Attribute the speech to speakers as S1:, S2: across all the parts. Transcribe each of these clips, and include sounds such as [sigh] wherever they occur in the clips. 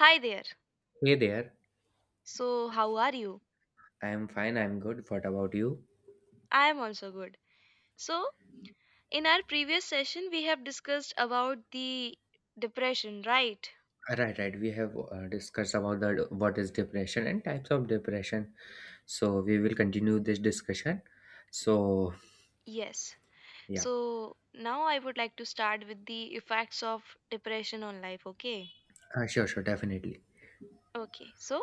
S1: Hi there.
S2: Hey there.
S1: So, how are you?
S2: I'm fine. I'm good. What about you?
S1: I am also good. So, in our previous session, we have discussed about the depression, right?
S2: Right, right. We have discussed about the what is depression and types of depression. So we will continue this discussion. So
S1: Yes.
S2: yeah,
S1: So, now I would like to start with the effects of depression on life, okay?
S2: sure, sure, definitely.
S1: Okay. So,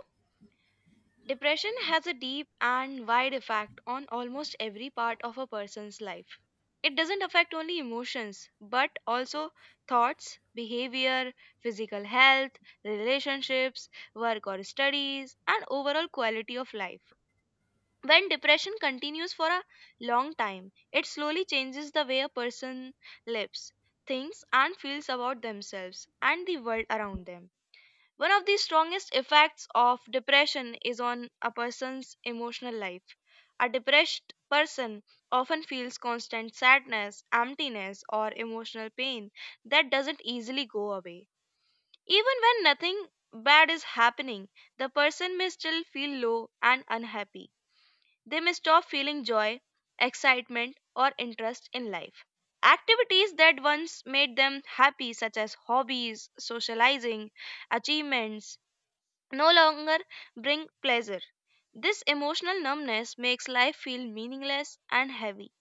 S1: depression has a deep and wide effect on almost every part of a person's life. It doesn't affect only emotions, but also thoughts, behavior, physical health, relationships, work or studies, and overall quality of life. When depression continues for a long time, it slowly changes the way a person lives, thinks, and feels about themselves and the world around them. One of the strongest effects of depression is on a person's emotional life. A depressed person often feels constant sadness, emptiness, or emotional pain that doesn't easily go away. Even when nothing bad is happening, the person may still feel low and unhappy. They may stop feeling joy, excitement, or interest in life. Activities that once made them happy, such as hobbies, socializing, achievements, no longer bring pleasure. This emotional numbness makes life feel meaningless and heavy.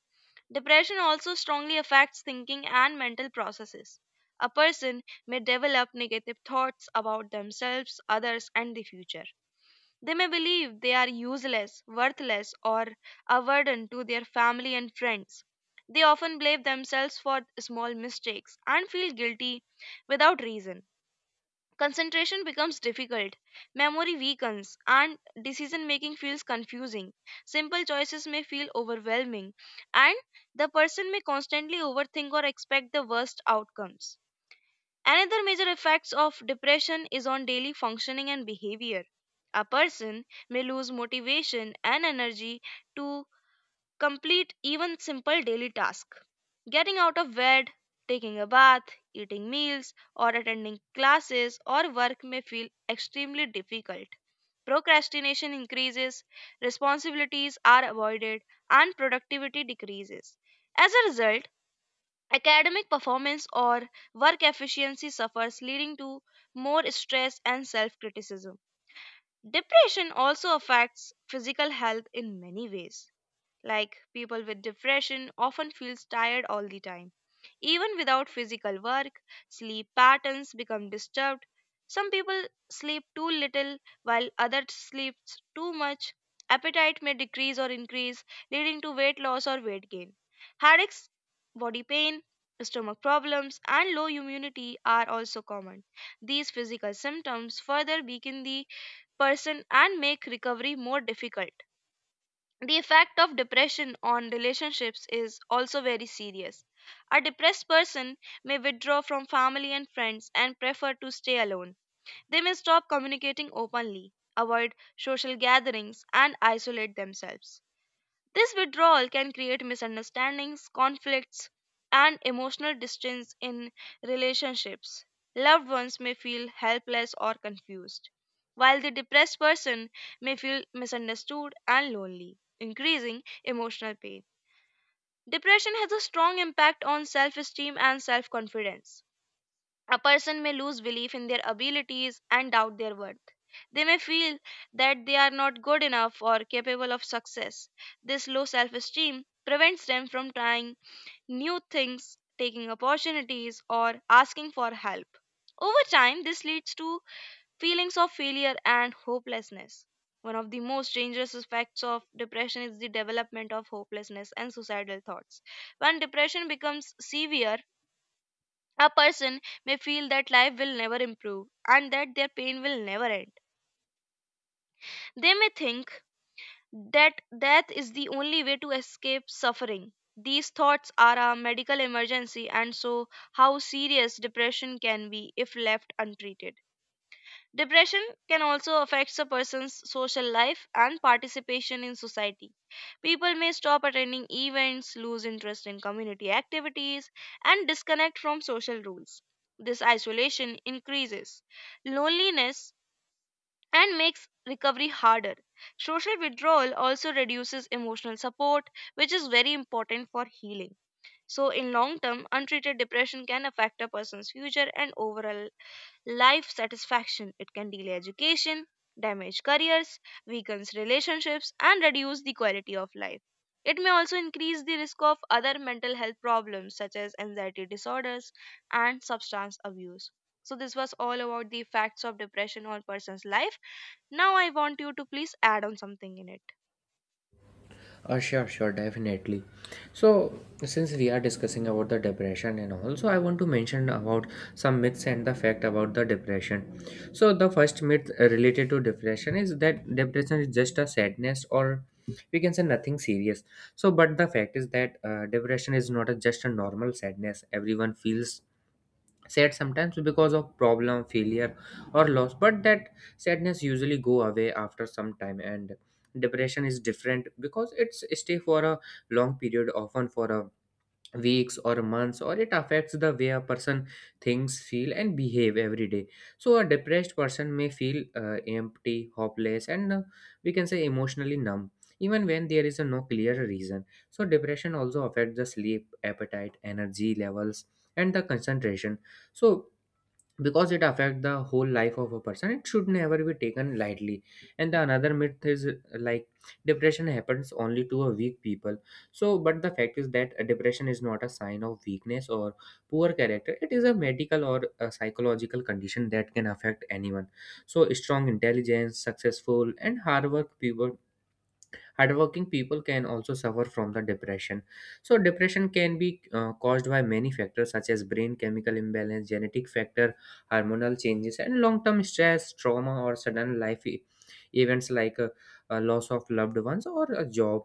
S1: Depression also strongly affects thinking and mental processes. A person may develop negative thoughts about themselves, others, and the future. They may believe they are useless, worthless, or a burden to their family and friends. They often blame themselves for small mistakes and feel guilty without reason. Concentration becomes difficult, memory weakens, and decision making feels confusing. Simple choices may feel overwhelming, and the person may constantly overthink or expect the worst outcomes. Another major effects of depression is on daily functioning and behavior. A person may lose motivation and energy to complete even simple daily tasks. Getting out of bed, taking a bath, eating meals, or attending classes or work may feel extremely difficult. Procrastination increases, responsibilities are avoided, and productivity decreases. As a result, academic performance or work efficiency suffers, leading to more stress and self criticism. Depression also affects physical health in many ways, like people with depression often feels tired all the time. Even without physical work, sleep patterns become disturbed. Some people sleep too little while others sleep too much. Appetite may decrease or increase, leading to weight loss or weight gain. Headaches, body pain, stomach problems, and low immunity are also common. These physical symptoms further weaken the person and make recovery more difficult. The effect of depression on relationships is also very serious. A depressed person may withdraw from family and friends and prefer to stay alone. They may stop communicating openly, avoid social gatherings, and isolate themselves. This withdrawal can create misunderstandings, conflicts, and emotional distance in relationships. Loved ones may feel helpless or confused, while the depressed person may feel misunderstood and lonely, increasing emotional pain. Depression has a strong impact on self esteem and self confidence. A person may lose belief in their abilities and doubt their worth. They may feel that they are not good enough or capable of success. This low self esteem prevents them from trying new things, taking opportunities, or asking for help. Over time, this leads to feelings of failure and hopelessness. One of the most dangerous effects of depression is the development of hopelessness and suicidal thoughts. When depression becomes severe, a person may feel that life will never improve and that their pain will never end. They may think that death is the only way to escape suffering. These thoughts are a medical emergency and so how serious depression can be if left untreated. Depression can also affect a person's social life and participation in society. People may stop attending events, lose interest in community activities, and disconnect from social rules. This isolation increases loneliness and makes recovery harder. Social withdrawal also reduces emotional support, which is very important for healing. So, in long term, untreated depression can affect a person's future and overall life satisfaction. It can delay education, damage careers, weakens relationships, and reduce the quality of life. It may also increase the risk of other mental health problems such as anxiety disorders and substance abuse. So, this was all about the effects of depression on person's life. Now, I want you to please add on something in it.
S2: Sure, sure, definitely. So, since we are discussing about the depression and also I want to mention about some myths and the fact about the depression. So, the first myth related to depression is that depression is just a sadness or we can say nothing serious. So, but the fact is that depression is not a, just a normal sadness. Everyone feels sad sometimes because of problem failure or loss, but that sadness usually go away after some time, and depression is different because it's stay for a long period, often for a weeks or months, or it affects the way a person thinks feel and behave every day. So a depressed person may feel empty hopeless and we can say emotionally numb even when there is a no clear reason. So depression also affects the sleep appetite energy levels and the concentration. So because it affects the whole life of a person, it should never be taken lightly. And the another myth is like depression happens only to a weak people. So but the fact is that a depression is not a sign of weakness or poor character. It is a medical or a psychological condition that can affect anyone. So strong intelligence successful and hard work people, hardworking people can also suffer from the depression. So depression can be caused by many factors such as brain chemical imbalance, genetic factor, hormonal changes, and long-term stress, trauma, or sudden events like a loss of loved ones or a job.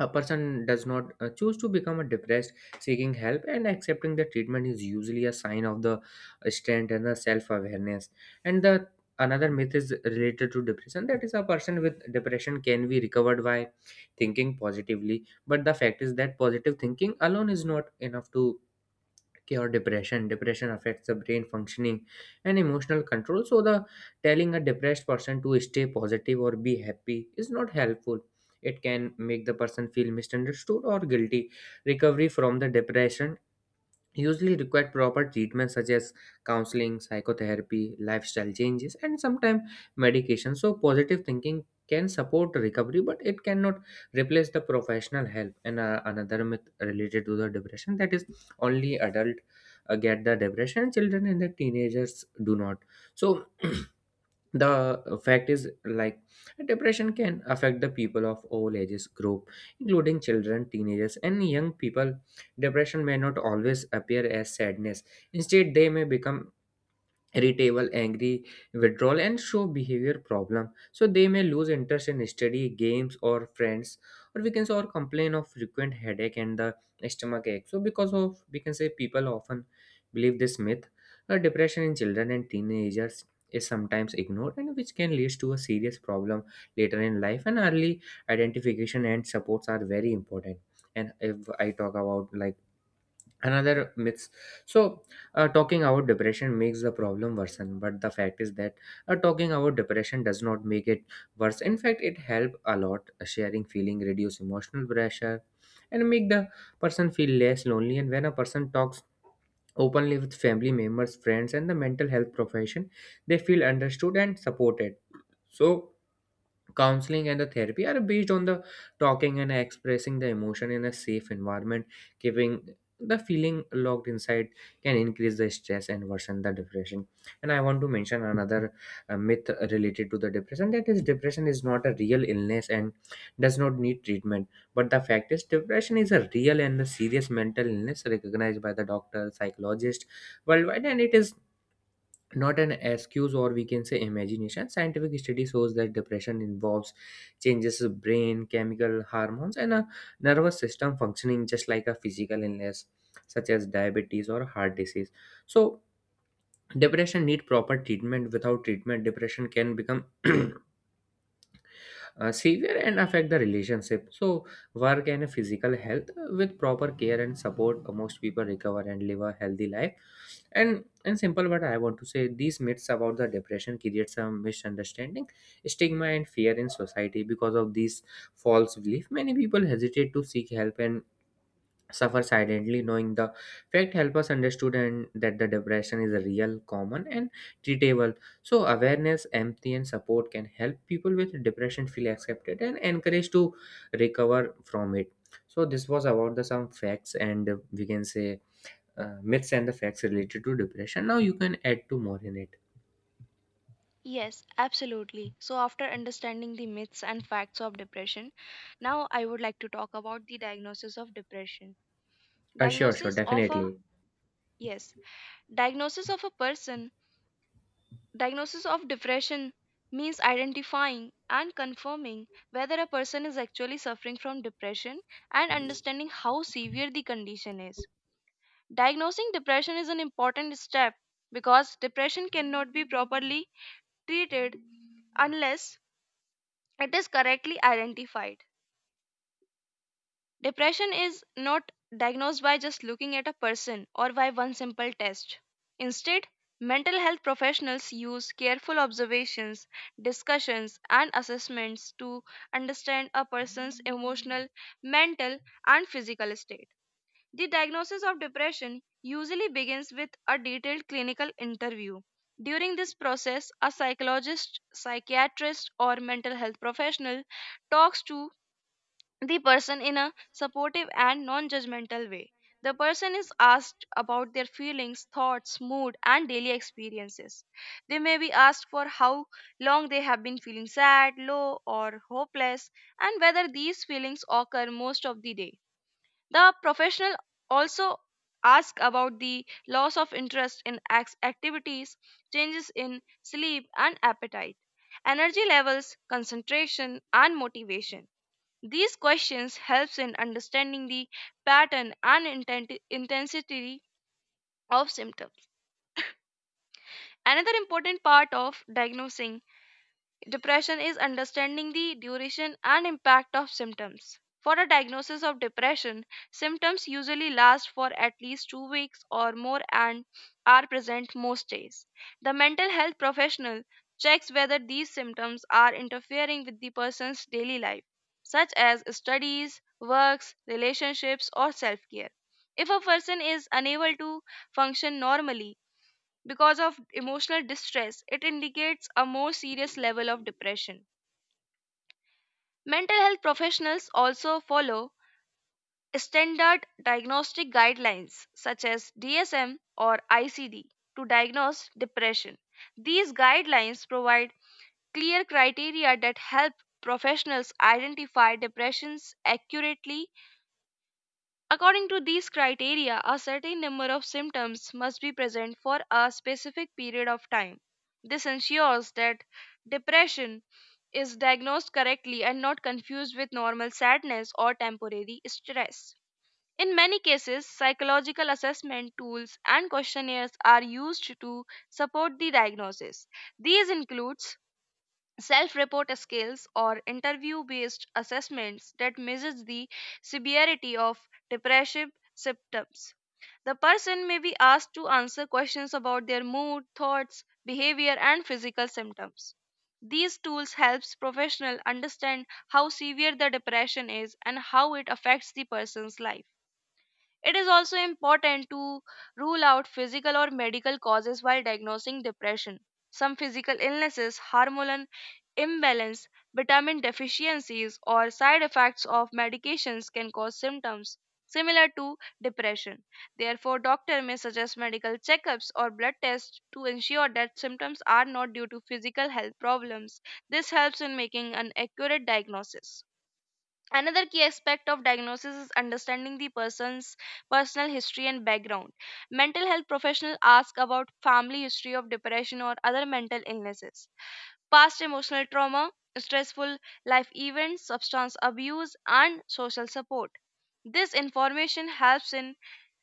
S2: A person does not choose to become a depressed. Seeking help and accepting the treatment is usually a sign of the strength and the self-awareness. And the another myth is related to depression, that is a person with depression can be recovered by thinking positively. But the fact is that positive thinking alone is not enough to okay, or depression. Depression affects the brain functioning and emotional control. So, the telling a depressed person to stay positive or be happy is not helpful. It can make the person feel misunderstood or guilty. Recovery from the depression usually require proper treatment such as counseling, psychotherapy, lifestyle changes, and sometimes medication. So, positive thinking can support recovery, but it cannot replace the professional help. And another myth related to the depression, that is only adult get the depression, children and the teenagers do not. So [clears throat] the fact is like depression can affect the people of all ages group, including children teenagers and young people. Depression may not always appear as sadness. Instead they may become irritable, angry, withdrawal and show behavior problem. So they may lose interest in study games or friends, or we can say or complain of frequent headache and the stomach ache. So because of we can say people often believe this myth, depression in children and teenagers is sometimes ignored and which can lead to a serious problem later in life, and early identification and supports are very important. And if I talk about like another myths, so talking about depression makes the problem worsen. But the fact is that talking about depression does not make it worse. In fact it helps a lot. Sharing feeling reduce emotional pressure and make the person feel less lonely. And when a person talks openly with family members friends and the mental health profession, they feel understood and supported. So counseling and the therapy are based on the talking and expressing the emotion in a safe environment. Giving the feeling locked inside can increase the stress and worsen the depression. And I want to mention another myth related to the depression, that is depression is not a real illness and does not need treatment. But the fact is depression is a real and a serious mental illness recognized by the doctor psychologist worldwide, and it is not an excuse or we can say imagination. Scientific study shows that depression involves changes in brain chemical hormones and a nervous system functioning, just like a physical illness such as diabetes or heart disease. So depression need proper treatment. Without treatment depression can become [clears throat] severe and affect the relationship. So, work and physical health, with proper care and support, most people recover and live a healthy life. And in simple word, I want to say these myths about the depression create some misunderstanding, stigma, and fear in society. Because of these false belief, many people hesitate to seek help and suffer silently. Knowing the fact help us understood and that the depression is a real common and treatable. So awareness empathy and support can help people with depression feel accepted and encouraged to recover from it. So this was about the some facts and we can say myths and the facts related to depression. Now you can add two more in it.
S1: Yes, absolutely. So, after understanding the myths and facts of depression, now I would like to talk about the diagnosis of depression.
S2: Sure, sure,
S1: Diagnosis of a
S2: definitely.
S1: Yes, diagnosis of a person, Diagnosis of depression means identifying and confirming whether a person is actually suffering from depression and understanding how severe the condition is. Diagnosing depression is an important step because depression cannot be properly treated unless it is correctly identified. Depression is not diagnosed by just looking at a person or by one simple test. Instead, mental health professionals use careful observations, discussions, and assessments to understand a person's emotional, mental, and physical state. The diagnosis of depression usually begins with a detailed clinical interview. During this process, a psychologist, psychiatrist, or mental health professional talks to the person in a supportive and non judgmental way. The person is asked about their feelings, thoughts, mood, and daily experiences. They may be asked for how long they have been feeling sad, low, or hopeless, and whether these feelings occur most of the day. The professional also asks about the loss of interest in activities, changes in sleep and appetite, energy levels, concentration, and motivation. These questions helps in understanding the pattern and intensity of symptoms. Another important part of diagnosing depression is understanding the duration and impact of symptoms. For a diagnosis of depression, symptoms usually last for at least 2 weeks or more and are present most days. The mental health professional checks whether these symptoms are interfering with the person's daily life, such as studies, works, relationships, or self care. If a person is unable to function normally, because of emotional distress, it indicates a more serious level of depression. Mental health professionals also follow standard diagnostic guidelines such as DSM or ICD to diagnose depression. These guidelines provide clear criteria that help professionals identify depressions accurately. According to these criteria, a certain number of symptoms must be present for a specific period of time. This ensures that depression is diagnosed correctly and not confused with normal sadness or temporary stress. In many cases, psychological assessment tools and questionnaires are used to support the diagnosis. These includes self report skills or interview based assessments that measures the severity of depressive symptoms. The person may be asked to answer questions about their mood, thoughts, behavior, and physical symptoms. These tools helps professional understand how severe the depression is and how it affects the person's life. It is also important to rule out physical or medical causes while diagnosing depression. Some physical illnesses, hormonal imbalance, vitamin deficiencies, or side effects of medications can cause symptoms similar to depression. Therefore, doctor may suggest medical checkups or blood tests to ensure that symptoms are not due to physical health problems. This helps in making an accurate diagnosis. Another key aspect of diagnosis is understanding the person's personal history and background. Mental health professionals ask about family history of depression or other mental illnesses, past emotional trauma, stressful life events, substance abuse, and social support. This information helps in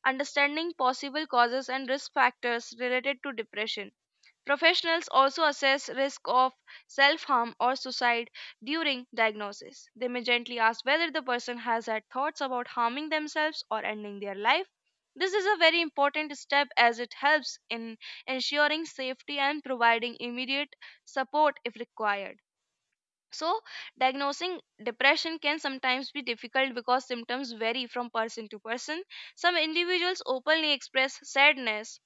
S1: understanding possible causes and risk factors related to depression. Professionals also assess risk of self-harm or suicide during diagnosis. They may gently ask whether the person has had thoughts about harming themselves or ending their life. This is a very important step as it helps in ensuring safety and providing immediate support if required. So, diagnosing depression can sometimes be difficult because symptoms vary from person to person. Some individuals openly express sadness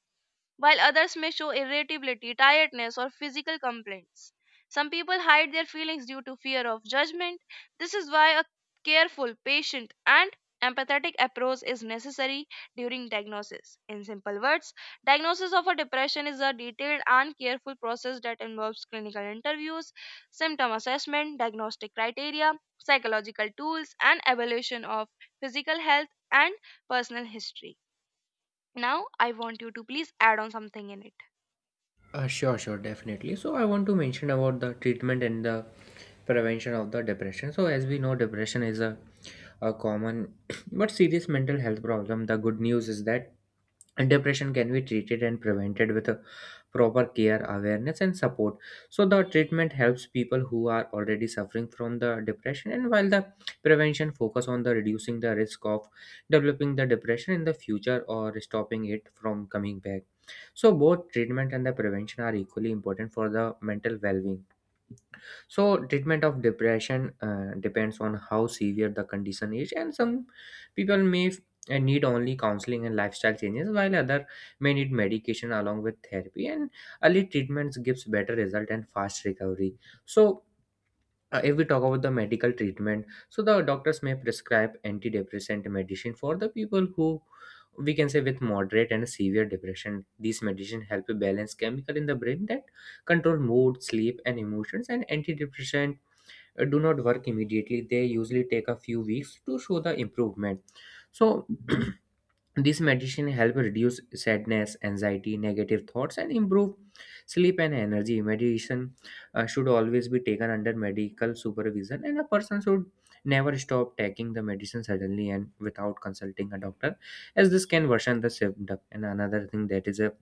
S1: while others may show irritability, tiredness, or physical complaints. Some people hide their feelings due to fear of judgment. This is why a careful, patient, and empathetic approach is necessary during diagnosis. In simple words, diagnosis of a depression is a detailed and careful process that involves clinical interviews, symptom assessment, diagnostic criteria, psychological tools, and evaluation of physical health and personal history. Now, I want you to please add on something in it.
S2: Sure, sure, definitely. So I want to mention about the treatment and the prevention of the depression. So as we know, depression is a common [coughs] [clears throat] but serious mental health problem. The good news is that depression can be treated and prevented with a proper care, awareness, and support. So, the treatment helps people who are already suffering from the depression, and while the prevention focus on the reducing the risk of developing the depression in the future or stopping it from coming back. So, both treatment and the prevention are equally important for the mental well being. So treatment of depression depends on how severe the condition is, and some people may need only counseling and lifestyle changes, while other may need medication along with therapy. And early treatments gives better result and fast recovery. So. If we talk about the medical treatment, so the doctors may prescribe antidepressant medicine for the people who we can say with moderate and severe depression. These medicine help balance chemical in the brain that control mood, sleep, and emotions. And antidepressant do not work immediately. They usually take a few weeks to show the improvement. So [clears throat] this meditation help reduce sadness anxiety negative thoughts and improve sleep and energy. Meditation should always be taken under medical supervision, and a person should never stop taking the medicine suddenly and without consulting a doctor, as this can worsen the symptom. And another thing that is a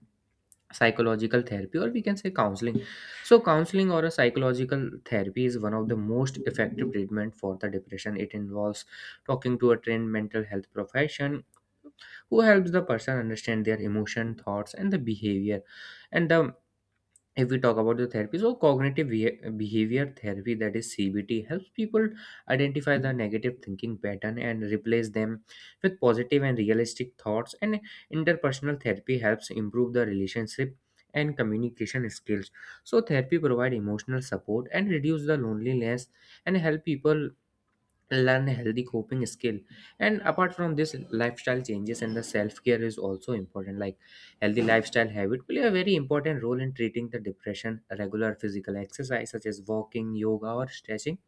S2: psychological therapy or we can say counseling. So counseling or a psychological therapy is one of the most effective treatment for the depression. It involves talking to a trained mental health profession who helps the person understand their emotion thoughts and the behavior. And the if we talk about the therapy, so cognitive behavior therapy, that is CBT, helps people identify the negative thinking pattern and replace them with positive and realistic thoughts. And interpersonal therapy helps improve the relationship and communication skills. So therapy provide emotional support and reduce the loneliness and help people learn healthy coping skill. And apart from this, lifestyle changes and the self-care is also important. Like healthy lifestyle habit play a very important role in treating the depression. Regular physical exercise such as walking yoga or stretching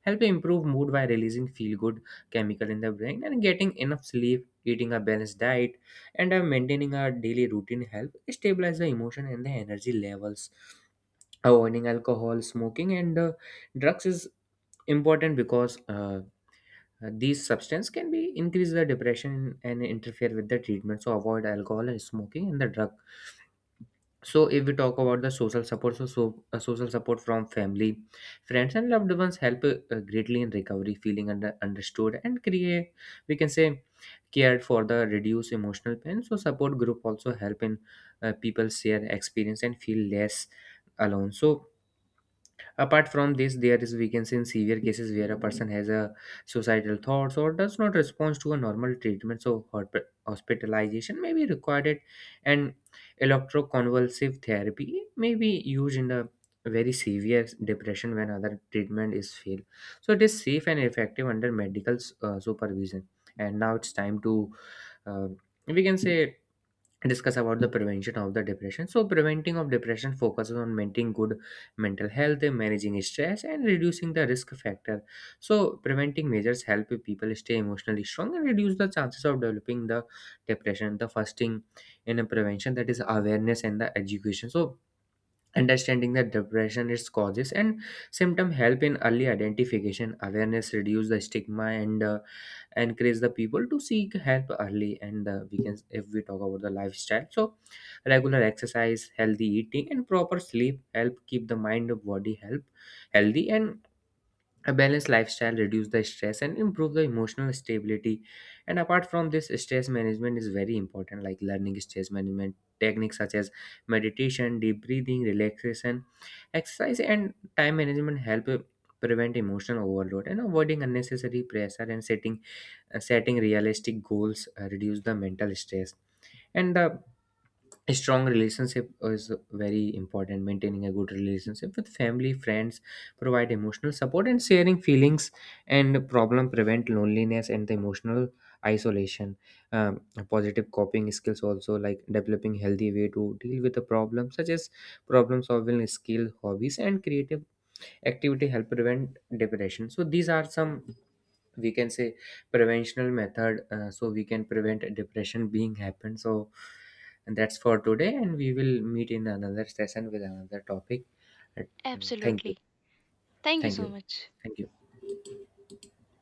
S2: help improve mood by releasing feel good chemical in the brain, and getting enough sleep eating a balanced diet and maintaining a daily routine help stabilize the emotion and the energy levels. Avoiding alcohol smoking and drugs is important because these substances can be increase the depression and interfere with the treatment. So avoid alcohol and smoking and the drug. So if we talk about the social support, social support from family friends and loved ones help greatly in recovery. Feeling understood and create we can say cared for the reduce emotional pain. So support group also help in people share experience and feel less alone. So apart from this, there is we in severe cases where a person has a suicidal thoughts or does not respond to a normal treatment, so hospitalization may be required, and electroconvulsive therapy may be used in the very severe depression when other treatment is failed. So it is safe and effective under medical supervision. And now it's time to, uh, we can say discuss about the prevention of the depression. So preventing of depression focuses on maintaining good mental health managing stress and reducing the risk factor. So preventing measures help people stay emotionally strong and reduce the chances of developing the depression. The first thing in a prevention that is awareness and the education. So understanding the depression its causes and symptom help in early identification. Awareness reduce the stigma and encourage the people to seek help early. And we can if we talk about the lifestyle, so regular exercise healthy eating and proper sleep help keep the mind and body help healthy, and a balanced lifestyle reduces the stress and improve the emotional stability. And apart from this, stress management is very important, like learning stress management techniques such as meditation, deep breathing, relaxation, exercise, and time management help prevent emotional overload and avoiding unnecessary pressure and setting realistic goals reduce the mental stress. And the a strong relationship is very important. Maintaining a good relationship with family friends provide emotional support, and sharing feelings and problem prevent loneliness and the emotional isolation. um, Positive coping skills also, like developing healthy way to deal with the problem such as problem solving skill hobbies and creative activity help prevent depression. So these are some we can say preventional method, so we can prevent depression being happened. So and that's for today, and we will meet in another session with another topic. Uh, Thank you.
S1: Absolutely. Thank you
S2: Thank
S1: so
S2: you.
S1: much.
S2: Thank you.